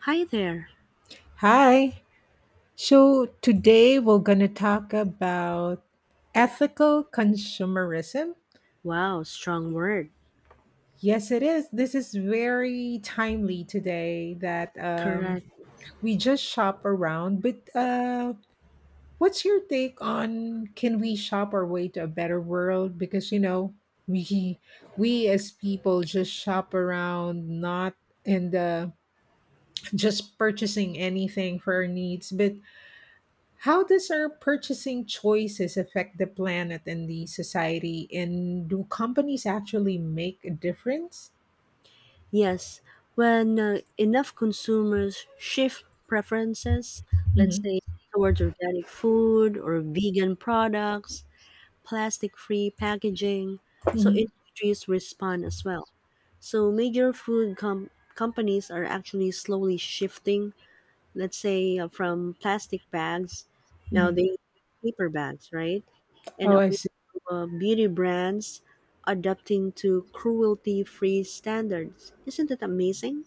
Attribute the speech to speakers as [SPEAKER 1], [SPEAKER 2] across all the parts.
[SPEAKER 1] Hi there.
[SPEAKER 2] Hi. So today we're going to talk about ethical consumerism.
[SPEAKER 1] Wow, strong word.
[SPEAKER 2] Yes, it is. This is very timely today that
[SPEAKER 1] Correct.
[SPEAKER 2] we just shop around. But What's your take on can we shop our way to a better world? Because we we as people just shop around, not and just purchasing anything for our needs, but how does our purchasing choices affect the planet and the society? And do companies actually make a difference?
[SPEAKER 1] Yes, when enough consumers shift preferences, let's
[SPEAKER 2] hmm
[SPEAKER 1] say towards organic food or vegan products, plastic-free packaging, so
[SPEAKER 2] hmm
[SPEAKER 1] industries respond as well. So major food companies are actually slowly shifting, let's say from plastic bags. Now
[SPEAKER 2] hmm
[SPEAKER 1] they use paper bags, right? And
[SPEAKER 2] Oh, I
[SPEAKER 1] also
[SPEAKER 2] see.
[SPEAKER 1] beauty brands adapting to cruelty free standards, isn't that amazing?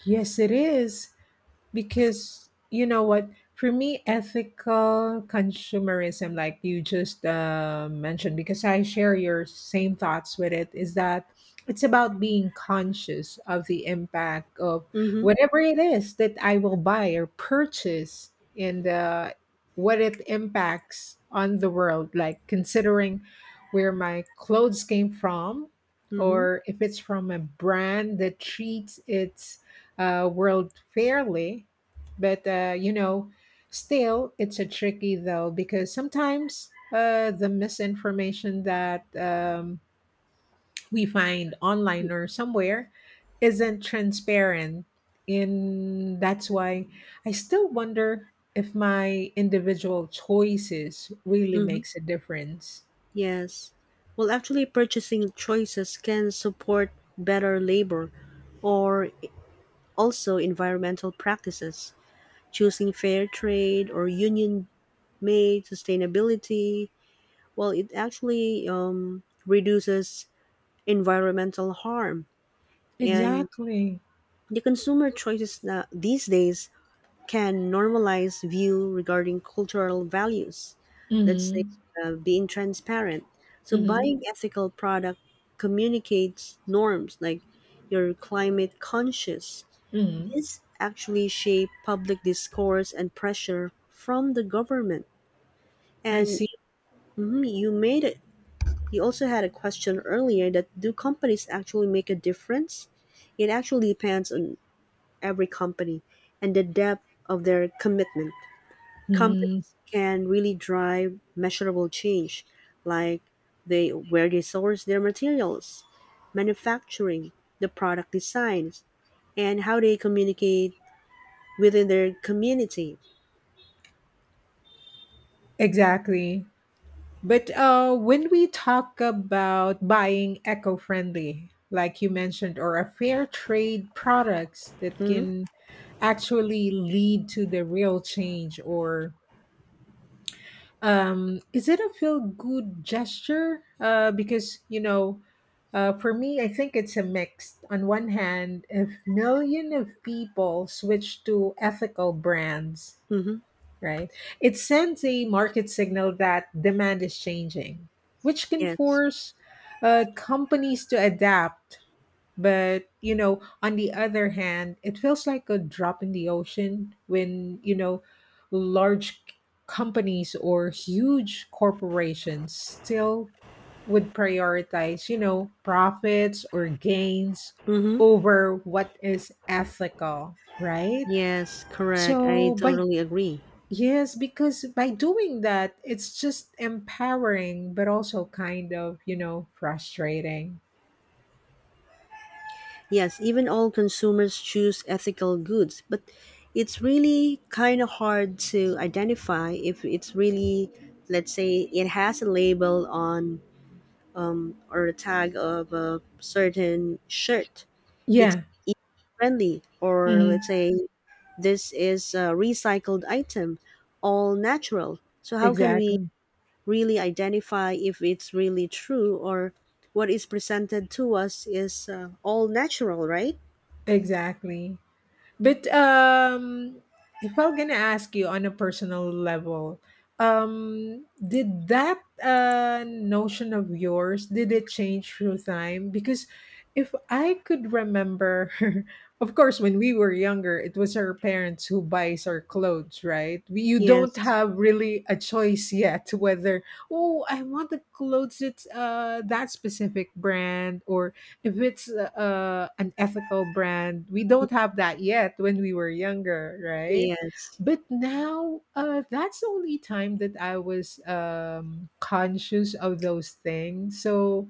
[SPEAKER 2] Yes, it is. Because you know what, for me ethical consumerism like you just mentioned, because I share your same thoughts with it, is that it's about being conscious of the impact of
[SPEAKER 1] Mm-hmm.
[SPEAKER 2] whatever it is that I will buy or purchase, and what it impacts on the world, like considering where my clothes came from,
[SPEAKER 1] Mm-hmm.
[SPEAKER 2] or if it's from a brand that treats its world fairly. But uh, you know, Still, it's a tricky though, because sometimes the misinformation that we find online or somewhere isn't transparent, and that's why I still wonder if my individual choices really
[SPEAKER 1] Mm-hmm.
[SPEAKER 2] makes a difference.
[SPEAKER 1] Yes, well actually purchasing choices can support better labor or also environmental practices, choosing fair trade or union made sustainability. Well, it actually reduces environmental harm. And
[SPEAKER 2] Exactly.
[SPEAKER 1] the consumer choices these days can normalize view regarding cultural values. Let's say
[SPEAKER 2] Mhm.
[SPEAKER 1] being transparent. So
[SPEAKER 2] Mhm.
[SPEAKER 1] buying ethical product communicates norms like you're climate conscious.
[SPEAKER 2] Mhm.
[SPEAKER 1] This actually shape public discourse and pressure from the government.
[SPEAKER 2] I
[SPEAKER 1] And
[SPEAKER 2] see.
[SPEAKER 1] mhm, you made it. You also had a question earlier, that do companies actually make a difference? It actually depends on every company and the depth of their commitment.
[SPEAKER 2] Mm.
[SPEAKER 1] Companies can really drive measurable change, like they, where they source their materials, manufacturing, the product designs, and how they communicate within their community.
[SPEAKER 2] Exactly. But When we talk about buying eco friendly, like you mentioned, or a fair trade products, that
[SPEAKER 1] Mm-hmm.
[SPEAKER 2] can actually lead to the real change, or um, is it a feel good gesture? Because for me, I think it's a mix. On one hand, if million of people switch to ethical brands,
[SPEAKER 1] Mm-hmm.
[SPEAKER 2] right, it sends a market signal that demand is changing, which can
[SPEAKER 1] Yes.
[SPEAKER 2] force companies to adapt. But, you know, on the other hand, it feels like a drop in the ocean when, you know, large companies or huge corporations still would prioritize, you know, profits or gains
[SPEAKER 1] Mm-hmm.
[SPEAKER 2] over what is ethical, right?
[SPEAKER 1] Yes, correct. I
[SPEAKER 2] So, by,
[SPEAKER 1] totally agree.
[SPEAKER 2] yes, because by doing that, it's just empowering, but also kind of, you know, frustrating.
[SPEAKER 1] Yes, even all consumers choose ethical goods, but it's really kind of hard to identify if it's really, let's say, it has a label on, or a tag of a certain shirt. It's
[SPEAKER 2] Yeah.
[SPEAKER 1] friendly, or let's
[SPEAKER 2] hmm
[SPEAKER 1] say, this is a recycled item, all natural. So how can we
[SPEAKER 2] exactly.
[SPEAKER 1] really identify if it's really true, or what is presented to us is all natural, right?
[SPEAKER 2] Exactly. But if I'm gonna ask you on a personal level, um, did that notion of yours, did it change through time? Because if I could remember of course when we were younger it was our parents who buys our clothes, right? We, you don't
[SPEAKER 1] Yes.
[SPEAKER 2] have really a choice yet, whether oh I want the clothes that's that specific brand, or if it's an ethical brand, we don't have that yet when we were younger, right?
[SPEAKER 1] Yes.
[SPEAKER 2] But now, that's the only time that I was conscious of those things. So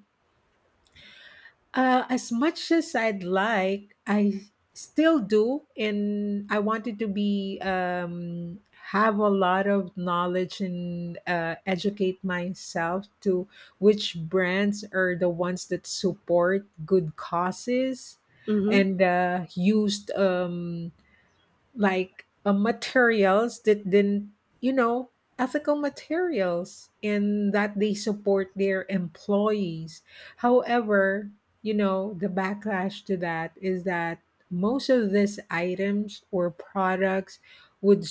[SPEAKER 2] as much as I'd like, I still do, and I wanted to be have a lot of knowledge and educate myself to which brands are the ones that support good causes, and
[SPEAKER 1] Mm-hmm.
[SPEAKER 2] uh, used like materials that didn't, you know, ethical materials, and that they support their employees. However, you know, the backlash to that is that most of these items or products would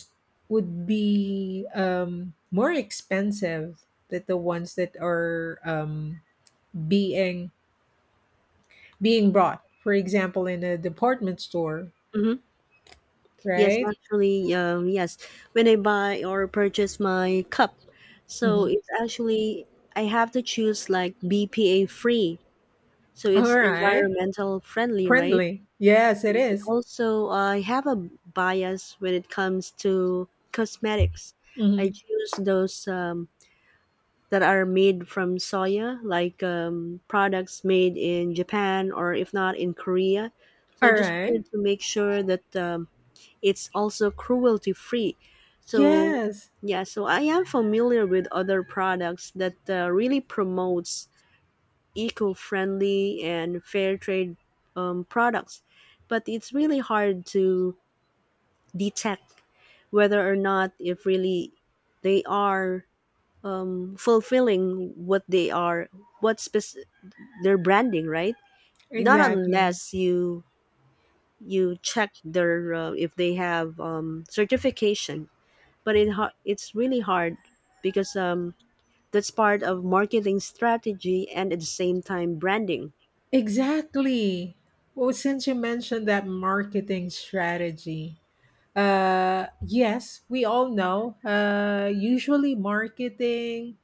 [SPEAKER 2] would be more expensive than the ones that are being brought. For example, in a department store,
[SPEAKER 1] Mm-hmm. Yes,
[SPEAKER 2] right?
[SPEAKER 1] actually, yes. When I buy or purchase my cup, so
[SPEAKER 2] Mhm.
[SPEAKER 1] it's actually, I have to choose like BPA free, so
[SPEAKER 2] All
[SPEAKER 1] it's
[SPEAKER 2] right.
[SPEAKER 1] environmental friendly, right?
[SPEAKER 2] Friendly. Yes, it
[SPEAKER 1] Yes. And
[SPEAKER 2] is.
[SPEAKER 1] also, I have a bias when it comes to cosmetics. I
[SPEAKER 2] Mhm.
[SPEAKER 1] choose those that are made from soya, like products made in Japan, or if not in Korea. So I
[SPEAKER 2] All
[SPEAKER 1] just
[SPEAKER 2] right.
[SPEAKER 1] wanted to make sure that. It's also cruelty free. So
[SPEAKER 2] Yes,
[SPEAKER 1] yeah, so I am familiar with other products that really promotes eco-friendly and fair trade products, but it's really hard to detect whether or not if really they are fulfilling what they are, what spec- their branding, right? Not
[SPEAKER 2] exactly.
[SPEAKER 1] unless you check their, if they have certification, but it's really hard because that's part of marketing strategy and at the same time branding.
[SPEAKER 2] Exactly. Well, since you mentioned that marketing strategy, yes, we all know. Usually, marketing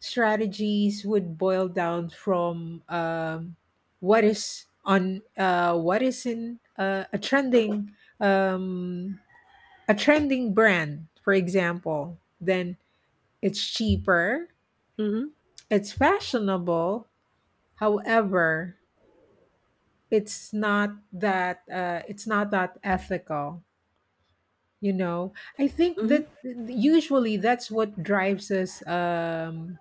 [SPEAKER 2] strategies would boil down from what is on what is in um, a trending brand, for example. Then it's cheaper,
[SPEAKER 1] Mm-hmm.
[SPEAKER 2] it's fashionable, however, it's not that ethical. You know, I think
[SPEAKER 1] Mm-hmm.
[SPEAKER 2] that usually that's what drives us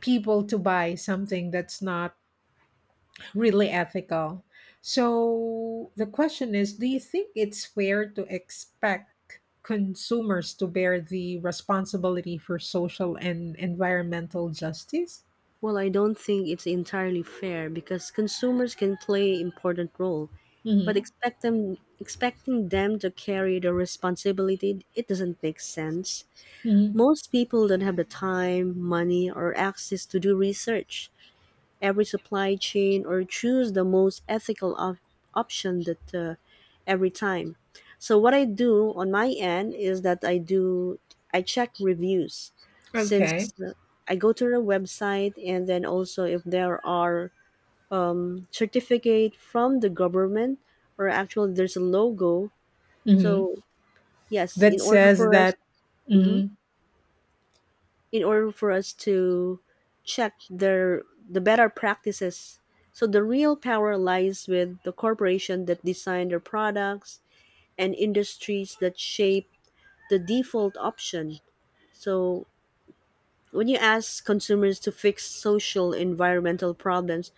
[SPEAKER 2] people to buy something that's not really ethical. So the question is, do you think it's fair to expect consumers to bear the responsibility for social and environmental justice?
[SPEAKER 1] Well, I don't think it's entirely fair because consumers can play important role, but
[SPEAKER 2] Mm-hmm.
[SPEAKER 1] expecting them to carry the responsibility, it doesn't make sense.
[SPEAKER 2] Mm-hmm.
[SPEAKER 1] Most people don't have the time, money, or access to do research every supply chain, or choose the most ethical option that, every time. So what I do on my end is that, I check reviews,
[SPEAKER 2] Okay.
[SPEAKER 1] since I go to the website, and then also if there are certificate from the government, or actually there's a logo.
[SPEAKER 2] Mm-hmm.
[SPEAKER 1] So yes,
[SPEAKER 2] That
[SPEAKER 1] in order
[SPEAKER 2] says
[SPEAKER 1] for us.
[SPEAKER 2] that.
[SPEAKER 1] Mhm.
[SPEAKER 2] Mhm.
[SPEAKER 1] In order for us to check the better practices. So the real power lies with the corporation that design their products and industries that shape the default option. So when you ask consumers to fix social environmental problems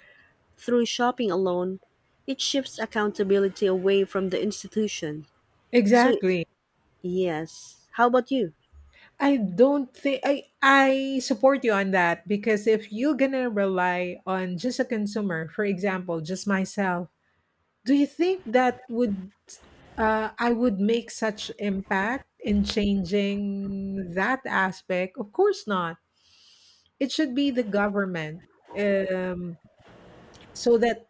[SPEAKER 1] through shopping alone, it shifts accountability away from the institution. So
[SPEAKER 2] Exactly.
[SPEAKER 1] yes, how about you?
[SPEAKER 2] I don't think I support you on that, because if you're gonna rely on just a consumer, for example just myself, do you think that would I would make such impact in changing that aspect? Of course not. It should be the government, um, so that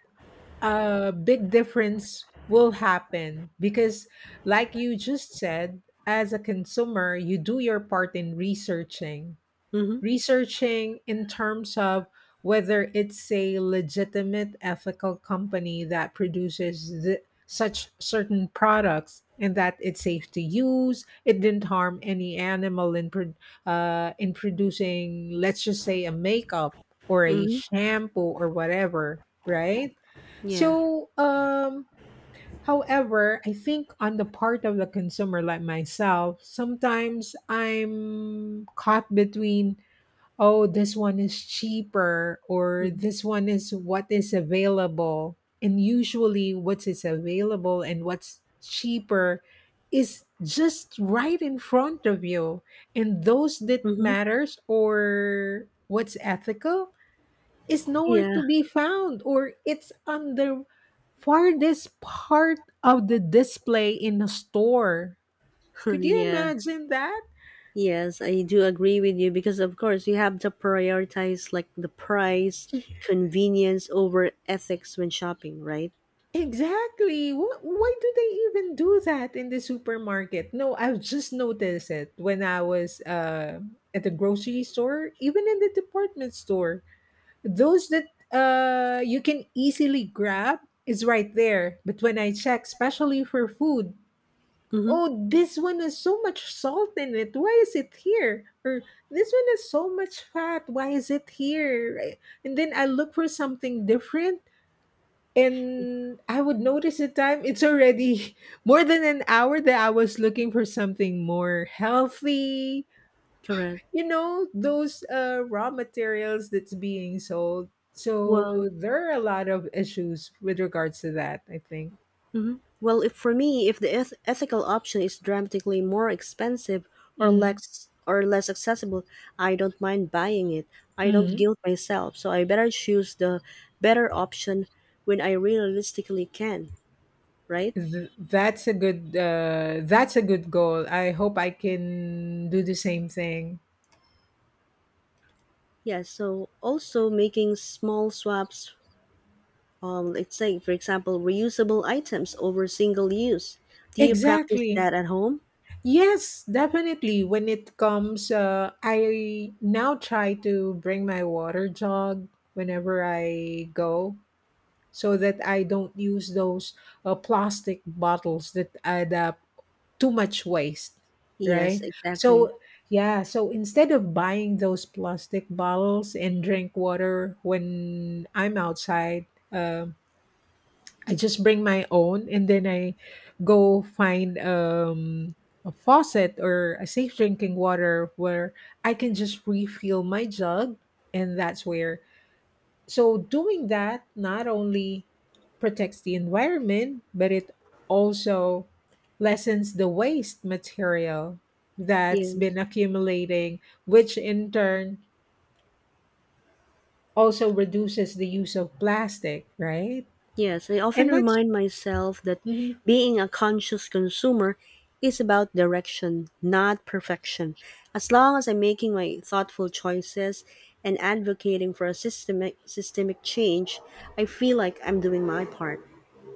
[SPEAKER 2] a big difference will happen. Because like you just said, as a consumer you do your part in researching,
[SPEAKER 1] Mhm.
[SPEAKER 2] in terms of whether it's a legitimate ethical company that produces such certain products, and that it's safe to use, it didn't harm any animal in in producing, let's just say, a makeup or a
[SPEAKER 1] Mhm.
[SPEAKER 2] shampoo or whatever, right?
[SPEAKER 1] Yeah.
[SPEAKER 2] So um, however, I think on the part of the consumer like myself, sometimes I'm caught between oh, this one is cheaper or
[SPEAKER 1] Mhm.
[SPEAKER 2] this one is what is available. And usually, what is available and what's cheaper is just right in front of you. And those that
[SPEAKER 1] Mhm.
[SPEAKER 2] matters or what's ethical is nowhere
[SPEAKER 1] Yeah.
[SPEAKER 2] to be found, or it's on the farthest part of the display in a store. Could you
[SPEAKER 1] yeah.
[SPEAKER 2] imagine that?
[SPEAKER 1] Yes, I do agree with you, because of course, you have to prioritize like the price, convenience over ethics when shopping, right?
[SPEAKER 2] Exactly. What, why do they even do that in the supermarket? No, I've just noticed it when I was at the grocery store, even in the department store. Those that you can easily grab is right there. But when I check, especially for food,
[SPEAKER 1] Mm-hmm.
[SPEAKER 2] oh, this one has so much salt in it. Why is it here? Or this one has so much fat. Why is it here? Right? And then I look for something different, and I would notice the time. It's already more than an hour that I was looking for something more healthy.
[SPEAKER 1] Correct.
[SPEAKER 2] You know, those raw materials that's being sold. So
[SPEAKER 1] Well,
[SPEAKER 2] there are a lot of issues with regards to that, I think.
[SPEAKER 1] well, if for me, if the ethical option is dramatically more expensive,
[SPEAKER 2] Hmm.
[SPEAKER 1] or less accessible, I don't mind buying it. I don't
[SPEAKER 2] hmm
[SPEAKER 1] guilt myself, so I better choose the better option when I realistically can, right?
[SPEAKER 2] Th- that's a good goal. I hope I can do the same thing.
[SPEAKER 1] Yeah, so also making small swaps. Let's say, for example, reusable items over single use. Do you practice
[SPEAKER 2] Exactly.
[SPEAKER 1] that at home?
[SPEAKER 2] Yes, definitely. When it comes, I now try to bring my water jug whenever I go, so that I don't use those plastic bottles that add up too much waste,
[SPEAKER 1] Yes,
[SPEAKER 2] right?
[SPEAKER 1] exactly.
[SPEAKER 2] So, yeah, so instead of buying those plastic bottles and drink water when I'm outside, um, I just bring my own, and then I go find a faucet or a safe drinking water where I can just refill my jug. And that's where. So, doing that not only protects the environment, but it also lessens the waste material that's been
[SPEAKER 1] Yes.
[SPEAKER 2] accumulating, which in turn also reduces the use of plastic, right?
[SPEAKER 1] Yes, I often
[SPEAKER 2] And that's.
[SPEAKER 1] remind myself that
[SPEAKER 2] Mm-hmm.
[SPEAKER 1] being a conscious consumer is about direction, not perfection. As long as I'm making my thoughtful choices and advocating for a systemic change, I feel like I'm doing my part.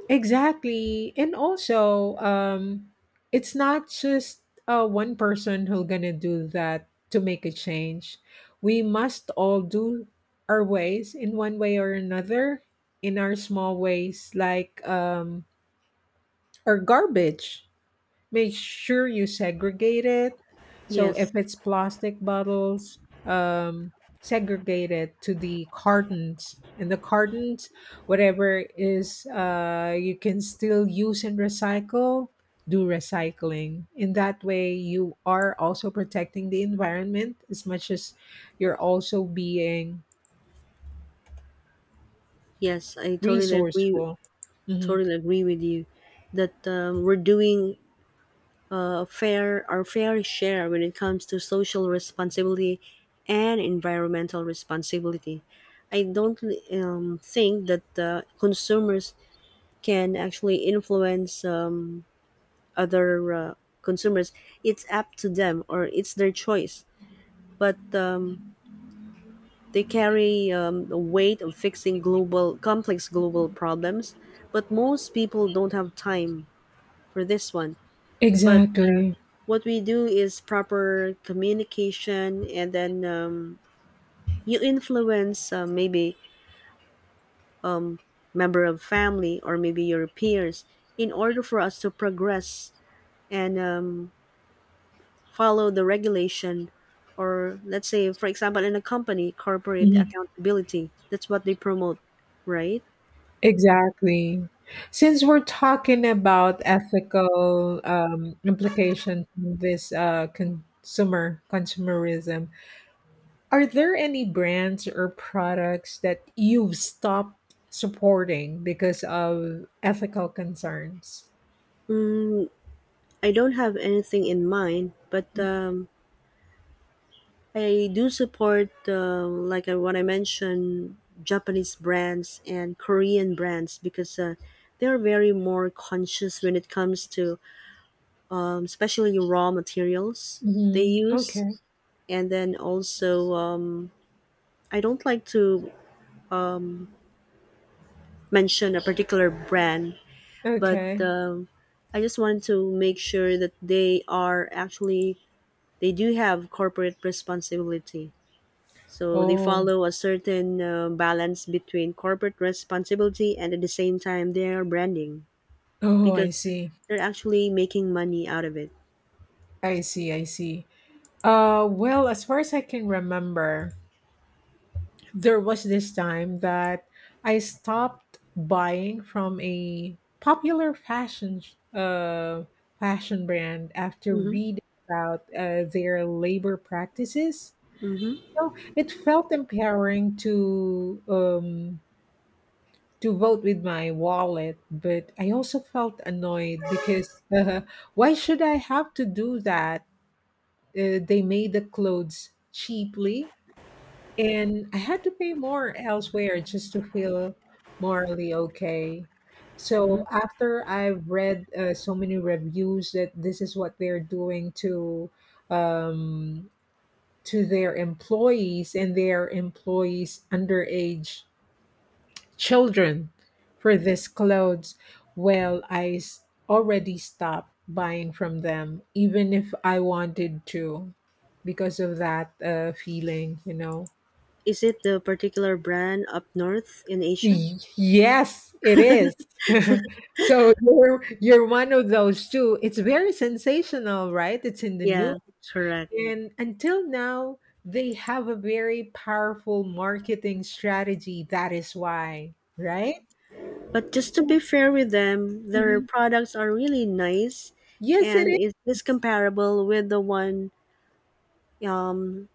[SPEAKER 2] Exactly. And also, it's not just one person who's going to do that to make a change. We must all do our ways in one way or another, in our small ways, like our garbage, make sure you segregate it. So
[SPEAKER 1] Yes,
[SPEAKER 2] if it's plastic bottles, um, segregate it to the cartons. And the cartons, whatever is you can still use and recycle, do recycling. In that way, you are also protecting the environment, as much as you're also being
[SPEAKER 1] yes, I totally agree.
[SPEAKER 2] resourceful. Mhm.
[SPEAKER 1] Totally agree with you that, we're doing fair our fair share when it comes to social responsibility and environmental responsibility. I don't think that consumers can actually influence other consumers. It's up to them or it's their choice. But they carry the weight of fixing global complex global problems. But most people don't have time for this one. But
[SPEAKER 2] Exactly.
[SPEAKER 1] what we do is proper communication, and then you influence maybe member of family or maybe your peers, in order for us to progress and follow the regulation, or let's say, for example, in a company, corporate
[SPEAKER 2] Mm-hmm.
[SPEAKER 1] accountability, that's what they promote, right?
[SPEAKER 2] Exactly. Since we're talking about ethical implications in this uh, consumerism, are there any brands or products that you've stopped supporting because of ethical concerns?
[SPEAKER 1] Mm, I don't have anything in mind, but I do support, like what I mentioned, Japanese brands and Korean brands, because they're very more conscious when it comes to, especially raw materials they use.
[SPEAKER 2] Okay.
[SPEAKER 1] And then also, I don't like to mention a particular brand, but
[SPEAKER 2] Okay.
[SPEAKER 1] I just wanted to make sure that they are actually, they do have corporate responsibility. So they
[SPEAKER 2] Oh.
[SPEAKER 1] follow a certain balance between corporate responsibility and at the same time their branding,
[SPEAKER 2] Oh, I
[SPEAKER 1] because
[SPEAKER 2] see.
[SPEAKER 1] they're actually making money out of it.
[SPEAKER 2] I see. I see. Well, as far as I can remember, there was this time that I stopped buying from a popular fashion brand after
[SPEAKER 1] hmm
[SPEAKER 2] reading about their labor practices.
[SPEAKER 1] hmm
[SPEAKER 2] So it felt empowering to vote with my wallet, but I also felt annoyed because why should I have to do that? They made the clothes cheaply, and I had to pay more elsewhere just to feel morally okay.
[SPEAKER 1] hmm
[SPEAKER 2] So after I've read so many reviews that this is what they're doing um, to their employees, and their employees underage children for this clothes, well, I already stopped buying from them, even if I wanted to, because of that feeling, you know.
[SPEAKER 1] Is it the particular brand up north in Asia?
[SPEAKER 2] Y- Yes, it is. So you're one of those two. It's very sensational, right? It's in the news.
[SPEAKER 1] Yeah, correct.
[SPEAKER 2] And until now, they have a very powerful marketing strategy. That is why, right?
[SPEAKER 1] But just to be
[SPEAKER 2] So
[SPEAKER 1] fair with them, their
[SPEAKER 2] mhm.
[SPEAKER 1] products are really nice,
[SPEAKER 2] Yes, it
[SPEAKER 1] and
[SPEAKER 2] is
[SPEAKER 1] is this comparable with the one, um,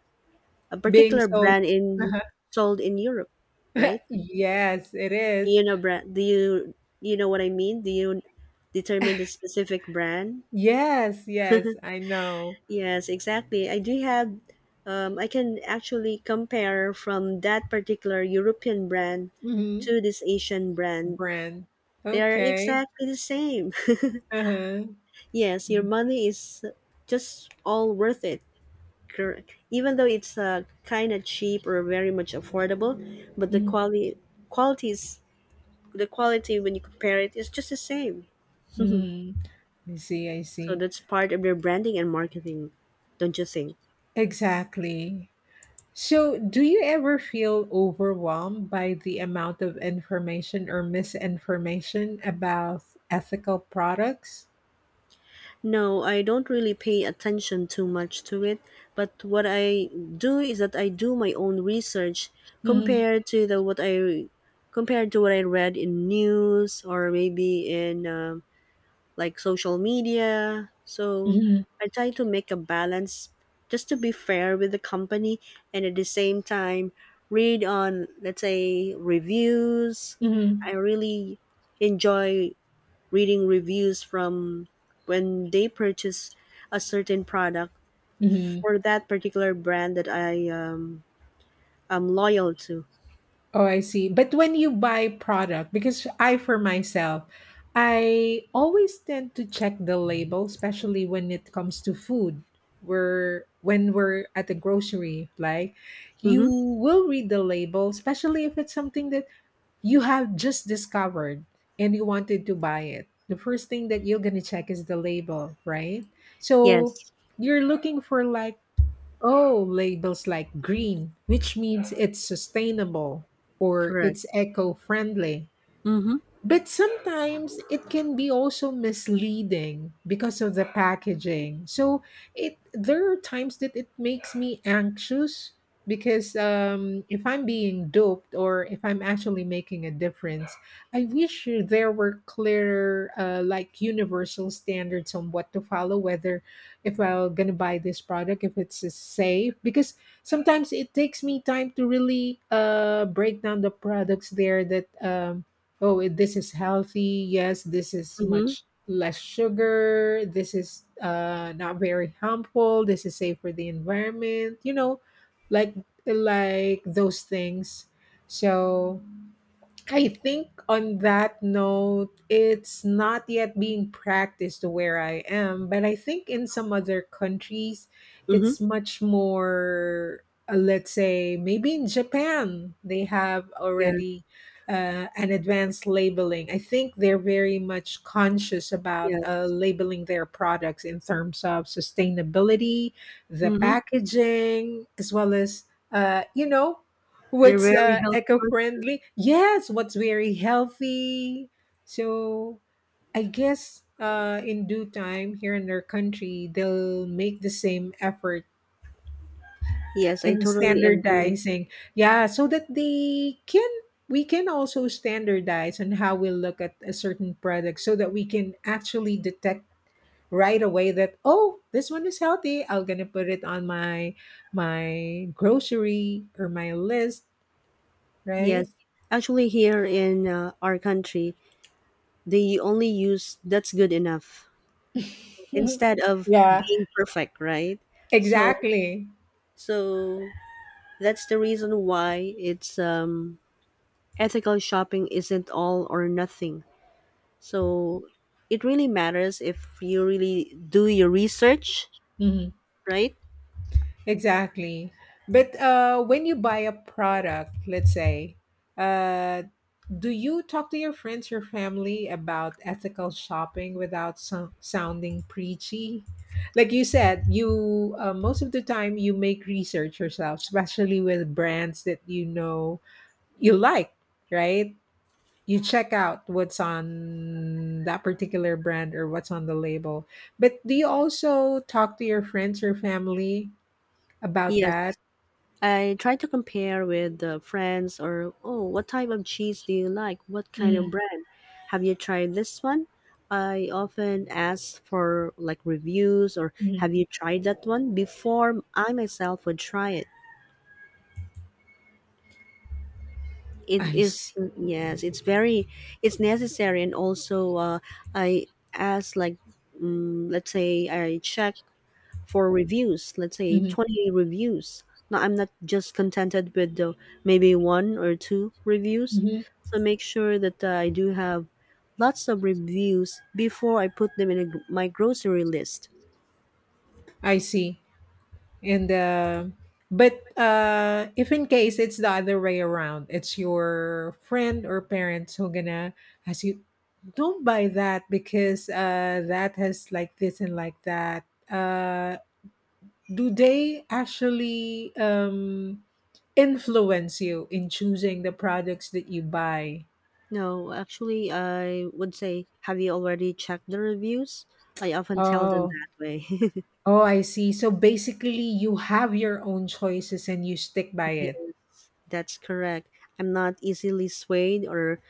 [SPEAKER 1] a
[SPEAKER 2] being
[SPEAKER 1] particular
[SPEAKER 2] sold.
[SPEAKER 1] brand in
[SPEAKER 2] Uh-huh.
[SPEAKER 1] sold in Europe, right?
[SPEAKER 2] Yes, it is.
[SPEAKER 1] You know brand? Do you know what I mean? Do you determine the specific brand?
[SPEAKER 2] Yes, yes, I know.
[SPEAKER 1] Yes, exactly. I do have. I can actually compare from that particular European brand
[SPEAKER 2] hmm
[SPEAKER 1] to this Asian brand.
[SPEAKER 2] Brand.
[SPEAKER 1] They are
[SPEAKER 2] Okay.
[SPEAKER 1] exactly the same.
[SPEAKER 2] Uh-huh.
[SPEAKER 1] yes, your money is just all worth it. Correct. Even though it's kind of cheap or very much affordable, but
[SPEAKER 2] Mhm.
[SPEAKER 1] qualities the quality when you compare it is just the same.
[SPEAKER 2] Mhm. I see, I
[SPEAKER 1] So
[SPEAKER 2] see.
[SPEAKER 1] that's part of their branding and marketing, don't you think?
[SPEAKER 2] Exactly. So, do you ever feel overwhelmed by the amount of information or misinformation about ethical products?
[SPEAKER 1] No, I don't really pay attention too much to it, but what I do is that I do my own research,
[SPEAKER 2] hmm
[SPEAKER 1] compared to the what I compared to what I read in news or maybe in like social media. So
[SPEAKER 2] hmm
[SPEAKER 1] I try to make a balance just to be fair with the company, and at the same time read on, let's say, reviews. I
[SPEAKER 2] hmm
[SPEAKER 1] really enjoy reading reviews from when they purchase a certain product
[SPEAKER 2] hmm
[SPEAKER 1] for that particular brand that I am loyal to.
[SPEAKER 2] Oh, I see. But when you buy product, because I, for myself, I always tend to check the label, especially when it comes to food. We're when we're at the grocery, like you
[SPEAKER 1] Mm-hmm.
[SPEAKER 2] will read the label, especially if it's something that you have just discovered and you wanted to buy it. The first thing that you're gonna check is the label, right? So
[SPEAKER 1] Yes,
[SPEAKER 2] you're looking for like, oh, labels like green, which means it's sustainable or
[SPEAKER 1] correct.
[SPEAKER 2] it's eco friendly.
[SPEAKER 1] Mm-hmm.
[SPEAKER 2] But sometimes it can be also misleading because of the packaging. So it there are times that it makes me anxious because if I'm being duped or if I'm actually making a difference, I wish there were clearer like universal standards on what to follow. Whether if I'm gonna buy this product, if it's safe, because sometimes it takes me time to really break down the products there that. Oh this is healthy, yes, this is
[SPEAKER 1] Mm-hmm.
[SPEAKER 2] much less sugar, this is not very harmful, this is safe for the environment, like those things. So I think on that note, it's not yet being practiced where I am, but I think in some other countries,
[SPEAKER 1] Mm-hmm.
[SPEAKER 2] it's much more, let's say, maybe in Japan, they have
[SPEAKER 1] Yes,
[SPEAKER 2] already an advanced labeling. I think they're very much conscious about
[SPEAKER 1] yes.
[SPEAKER 2] labeling their products in terms of sustainability, the
[SPEAKER 1] Mm-hmm.
[SPEAKER 2] packaging, as well as, uh, you know,
[SPEAKER 1] They're
[SPEAKER 2] what's
[SPEAKER 1] very health conscious.
[SPEAKER 2] eco-friendly, yes, what's very healthy. So I guess in due time here in our country they'll make the same effort
[SPEAKER 1] Yes, I
[SPEAKER 2] in
[SPEAKER 1] totally agree.
[SPEAKER 2] standardizing. Yeah, so that they can, we can also standardize on how we look at a certain product so that we can actually detect right away that, oh, this one is healthy, I'm gonna put it on my grocery or my list, right?
[SPEAKER 1] Yes. Actually, here in our country, they only use that's good enough instead of
[SPEAKER 2] Yeah,
[SPEAKER 1] being perfect, right? So,
[SPEAKER 2] exactly.
[SPEAKER 1] so that's the reason why it's ethical shopping isn't all or nothing. So it really matters if you really do your research,
[SPEAKER 2] Mhm.
[SPEAKER 1] right?
[SPEAKER 2] Exactly. But when you buy a product, let's say, uh, do you talk to your friends or family about ethical shopping without sounding preachy? Like you said, you most of the time you make research yourself, especially with brands that you know you like, right? You check out what's on that particular brand or what's on the label. But do you also talk to your friends or family about
[SPEAKER 1] Yes.
[SPEAKER 2] that?
[SPEAKER 1] I try to compare with friends, or oh, what type of cheese do you like? What kind
[SPEAKER 2] Mhm.
[SPEAKER 1] of brand? Have you tried this one? I often ask for like reviews, or
[SPEAKER 2] Mhm.
[SPEAKER 1] have you tried that one before I myself would try it. It
[SPEAKER 2] I
[SPEAKER 1] is
[SPEAKER 2] see.
[SPEAKER 1] yes, it's necessary. And also I ask like, let's say, I check for reviews, let's say
[SPEAKER 2] Mhm.
[SPEAKER 1] 20 reviews. No, I'm not just contented with the maybe one or two reviews.
[SPEAKER 2] Mhm.
[SPEAKER 1] So make sure that, I do have lots of reviews before I put them in my grocery list.
[SPEAKER 2] I see. And but if in case it's the other way around, it's your friend or parents who gonna ask you, don't buy that because that has like this and like that. Uh, do they actually influence you in choosing the products that you buy?
[SPEAKER 1] No, actually, I would say, have you already checked the reviews? I often tell them
[SPEAKER 2] Oh,
[SPEAKER 1] that way.
[SPEAKER 2] oh, I see. So basically, you have your own choices and you stick by
[SPEAKER 1] Yes,
[SPEAKER 2] it.
[SPEAKER 1] that's correct. I'm not easily swayed or,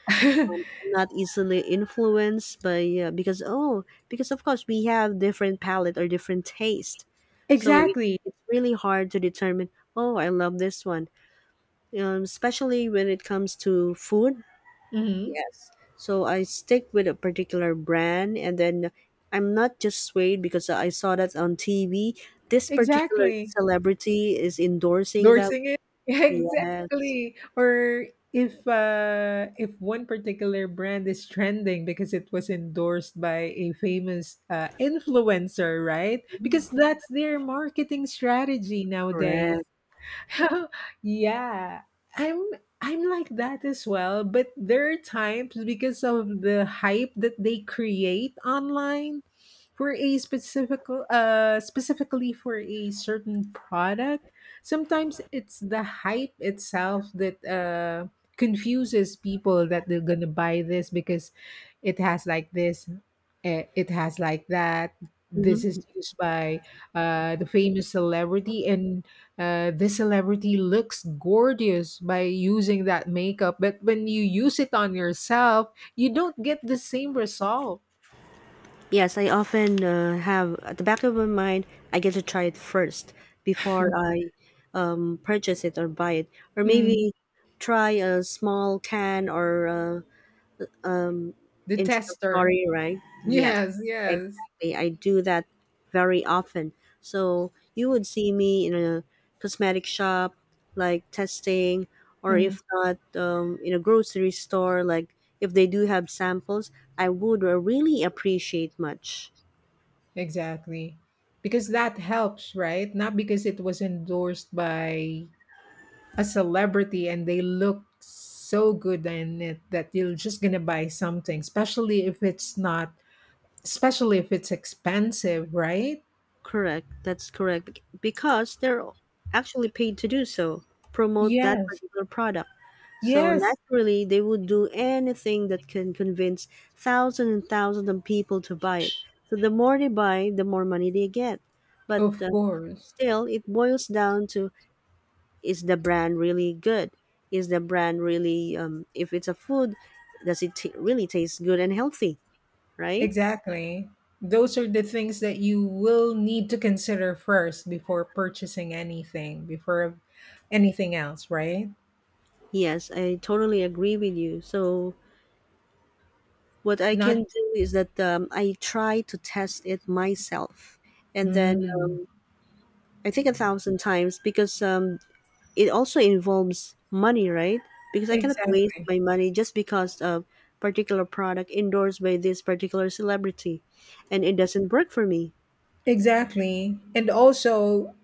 [SPEAKER 1] I'm not easily influenced by, because, of course, we have different palate or different taste, so it,
[SPEAKER 2] Exactly.
[SPEAKER 1] it's really hard to determine. Oh, I love this one, especially when it comes to food.
[SPEAKER 2] Hmm.
[SPEAKER 1] Yes, so I stick with a particular brand, and then I'm not just swayed because I saw that on TV. This particular
[SPEAKER 2] Exactly.
[SPEAKER 1] celebrity is endorsing that.
[SPEAKER 2] Endorsing it.
[SPEAKER 1] Yes.
[SPEAKER 2] Exactly. Or if one particular brand is trending because it was endorsed by a famous influencer, right? Because
[SPEAKER 1] Mm-hmm.
[SPEAKER 2] that's their marketing strategy nowadays.
[SPEAKER 1] Correct.
[SPEAKER 2] Yeah, i'm I'm like that as well, but there are times because of the hype that they create online for a specific, specifically for a certain product, sometimes it's the hype itself that confuses people that they're gonna buy this because it has like this, eh, it has like that, this is
[SPEAKER 1] Mhm.
[SPEAKER 2] used by the famous celebrity, and this celebrity looks gorgeous by using that makeup, but when you use it on yourself, you don't get the same result.
[SPEAKER 1] Yes, I often have at the back of my mind, I get to try it first before I purchase it or buy it, or
[SPEAKER 2] Mm.
[SPEAKER 1] maybe try a small can or
[SPEAKER 2] The tester.
[SPEAKER 1] introductory, right? Yes,
[SPEAKER 2] Yes, yes.
[SPEAKER 1] exactly. I do that very often. So you would see me in a cosmetic shop, like testing, or
[SPEAKER 2] Mm.
[SPEAKER 1] if not, in a grocery store, like if they do have samples, I would really appreciate much.
[SPEAKER 2] Exactly. Because that helps, right? Not because it was endorsed by a celebrity and they look so good in it that you're just gonna buy something, especially if it's not, especially if it's expensive, right?
[SPEAKER 1] Correct. That's correct. Because they're actually paid to do so, promote that
[SPEAKER 2] Yes.
[SPEAKER 1] particular product. So
[SPEAKER 2] Yes.
[SPEAKER 1] naturally, they would do anything that can convince thousands and thousands of people to buy it. So the more they buy, the more money they get. But
[SPEAKER 2] Of course.
[SPEAKER 1] still, it boils down to, is the brand really good? Is the brand really, if it's a food, does it really taste good and healthy, right?
[SPEAKER 2] Exactly. Those are the things that you will need to consider first before purchasing anything, before anything else, right?
[SPEAKER 1] Yes, I totally agree with you. So what I
[SPEAKER 2] Not
[SPEAKER 1] can do is that I try to test it myself, and then
[SPEAKER 2] mm,
[SPEAKER 1] I think a thousand times because it also involves money, right? Because I cannot waste
[SPEAKER 2] exactly.
[SPEAKER 1] my money just because of particular product endorsed by this particular celebrity, and it doesn't work for me.
[SPEAKER 2] Exactly. And also,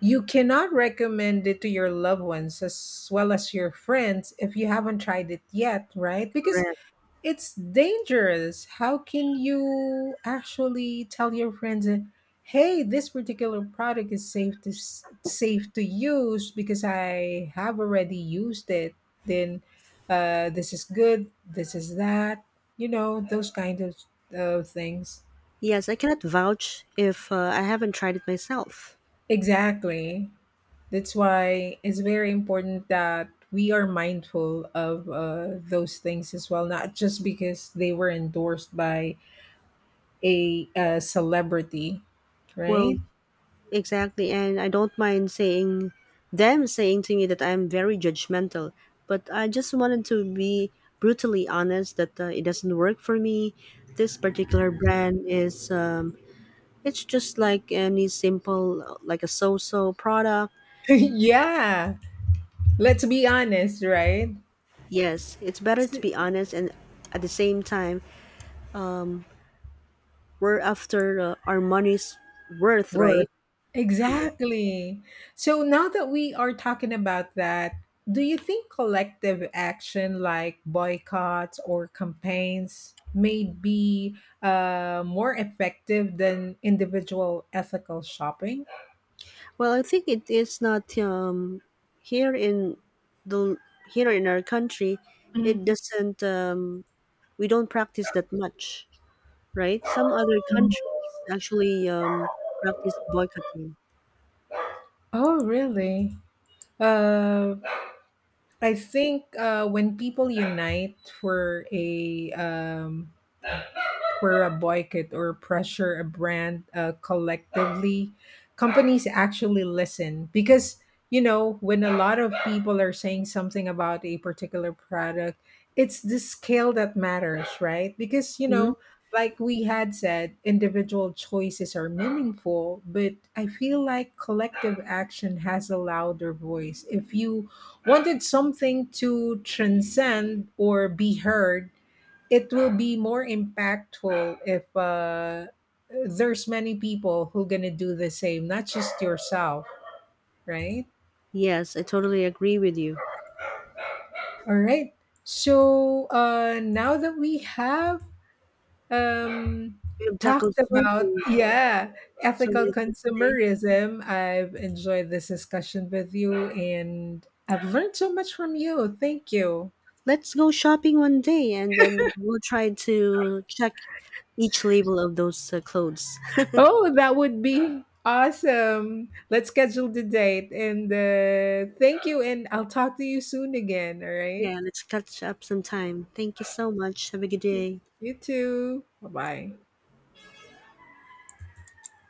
[SPEAKER 2] you cannot recommend it to your loved ones as well as your friends if you haven't tried it yet, right? Because
[SPEAKER 1] Correct.
[SPEAKER 2] it's dangerous. How can you actually tell your friends, "Hey, this particular product is safe to safe to use because I have already used it." Then, this is good. This is that. You know those kind of things.
[SPEAKER 1] Yes, I cannot vouch if I haven't tried it myself.
[SPEAKER 2] Exactly. That's why it's very important that we are mindful of those things as well, not just because they were endorsed by a celebrity, right?
[SPEAKER 1] Well, exactly, and I don't mind saying to me that I'm very judgmental, but I just wanted to be brutally honest that it doesn't work for me. This particular brand is, it's just like any simple, like a so so product.
[SPEAKER 2] Yeah, let's be honest, right?
[SPEAKER 1] Yes, it's better to
[SPEAKER 2] S-
[SPEAKER 1] be honest, and at the same time, um, we're after our money's worth,
[SPEAKER 2] Worth.
[SPEAKER 1] right? Correct.
[SPEAKER 2] Exactly. So now that we are talking about that, do you think collective action like boycotts or campaigns may be more effective than individual ethical shopping?
[SPEAKER 1] Well, I think it is not, here in the here in our country.
[SPEAKER 2] Mhm.
[SPEAKER 1] It doesn't. We don't practice that much, right? Some other countries actually practice boycotting.
[SPEAKER 2] Oh, really? Uh, I think when people unite for a um, for a boycott or pressure a brand collectively, companies actually listen because you know when a lot of people are saying something about a particular product, it's the scale that matters, right? Because, you
[SPEAKER 1] hmm
[SPEAKER 2] know, like we had said, individual choices are meaningful, but I feel like collective action has a louder voice. If you wanted something to transcend or be heard, it will be more impactful if there's many people who gonna do the same, not just yourself, right?
[SPEAKER 1] Yes, I totally agree with you.
[SPEAKER 2] All right. So now that we have um,
[SPEAKER 1] We have tackled
[SPEAKER 2] talked
[SPEAKER 1] so
[SPEAKER 2] about,
[SPEAKER 1] many.
[SPEAKER 2] yeah,
[SPEAKER 1] So
[SPEAKER 2] ethical
[SPEAKER 1] many things today.
[SPEAKER 2] consumerism, I've enjoyed this discussion with you and I've learned so much from you. Thank you.
[SPEAKER 1] Let's go shopping one day and then we'll try to check each label of those clothes.
[SPEAKER 2] Oh, that would be awesome. Let's schedule the date. And thank you. And I'll talk to you soon again. All right.
[SPEAKER 1] yeah, let's catch up sometime. Thank you so much. Have a good day.
[SPEAKER 2] You too. Bye bye.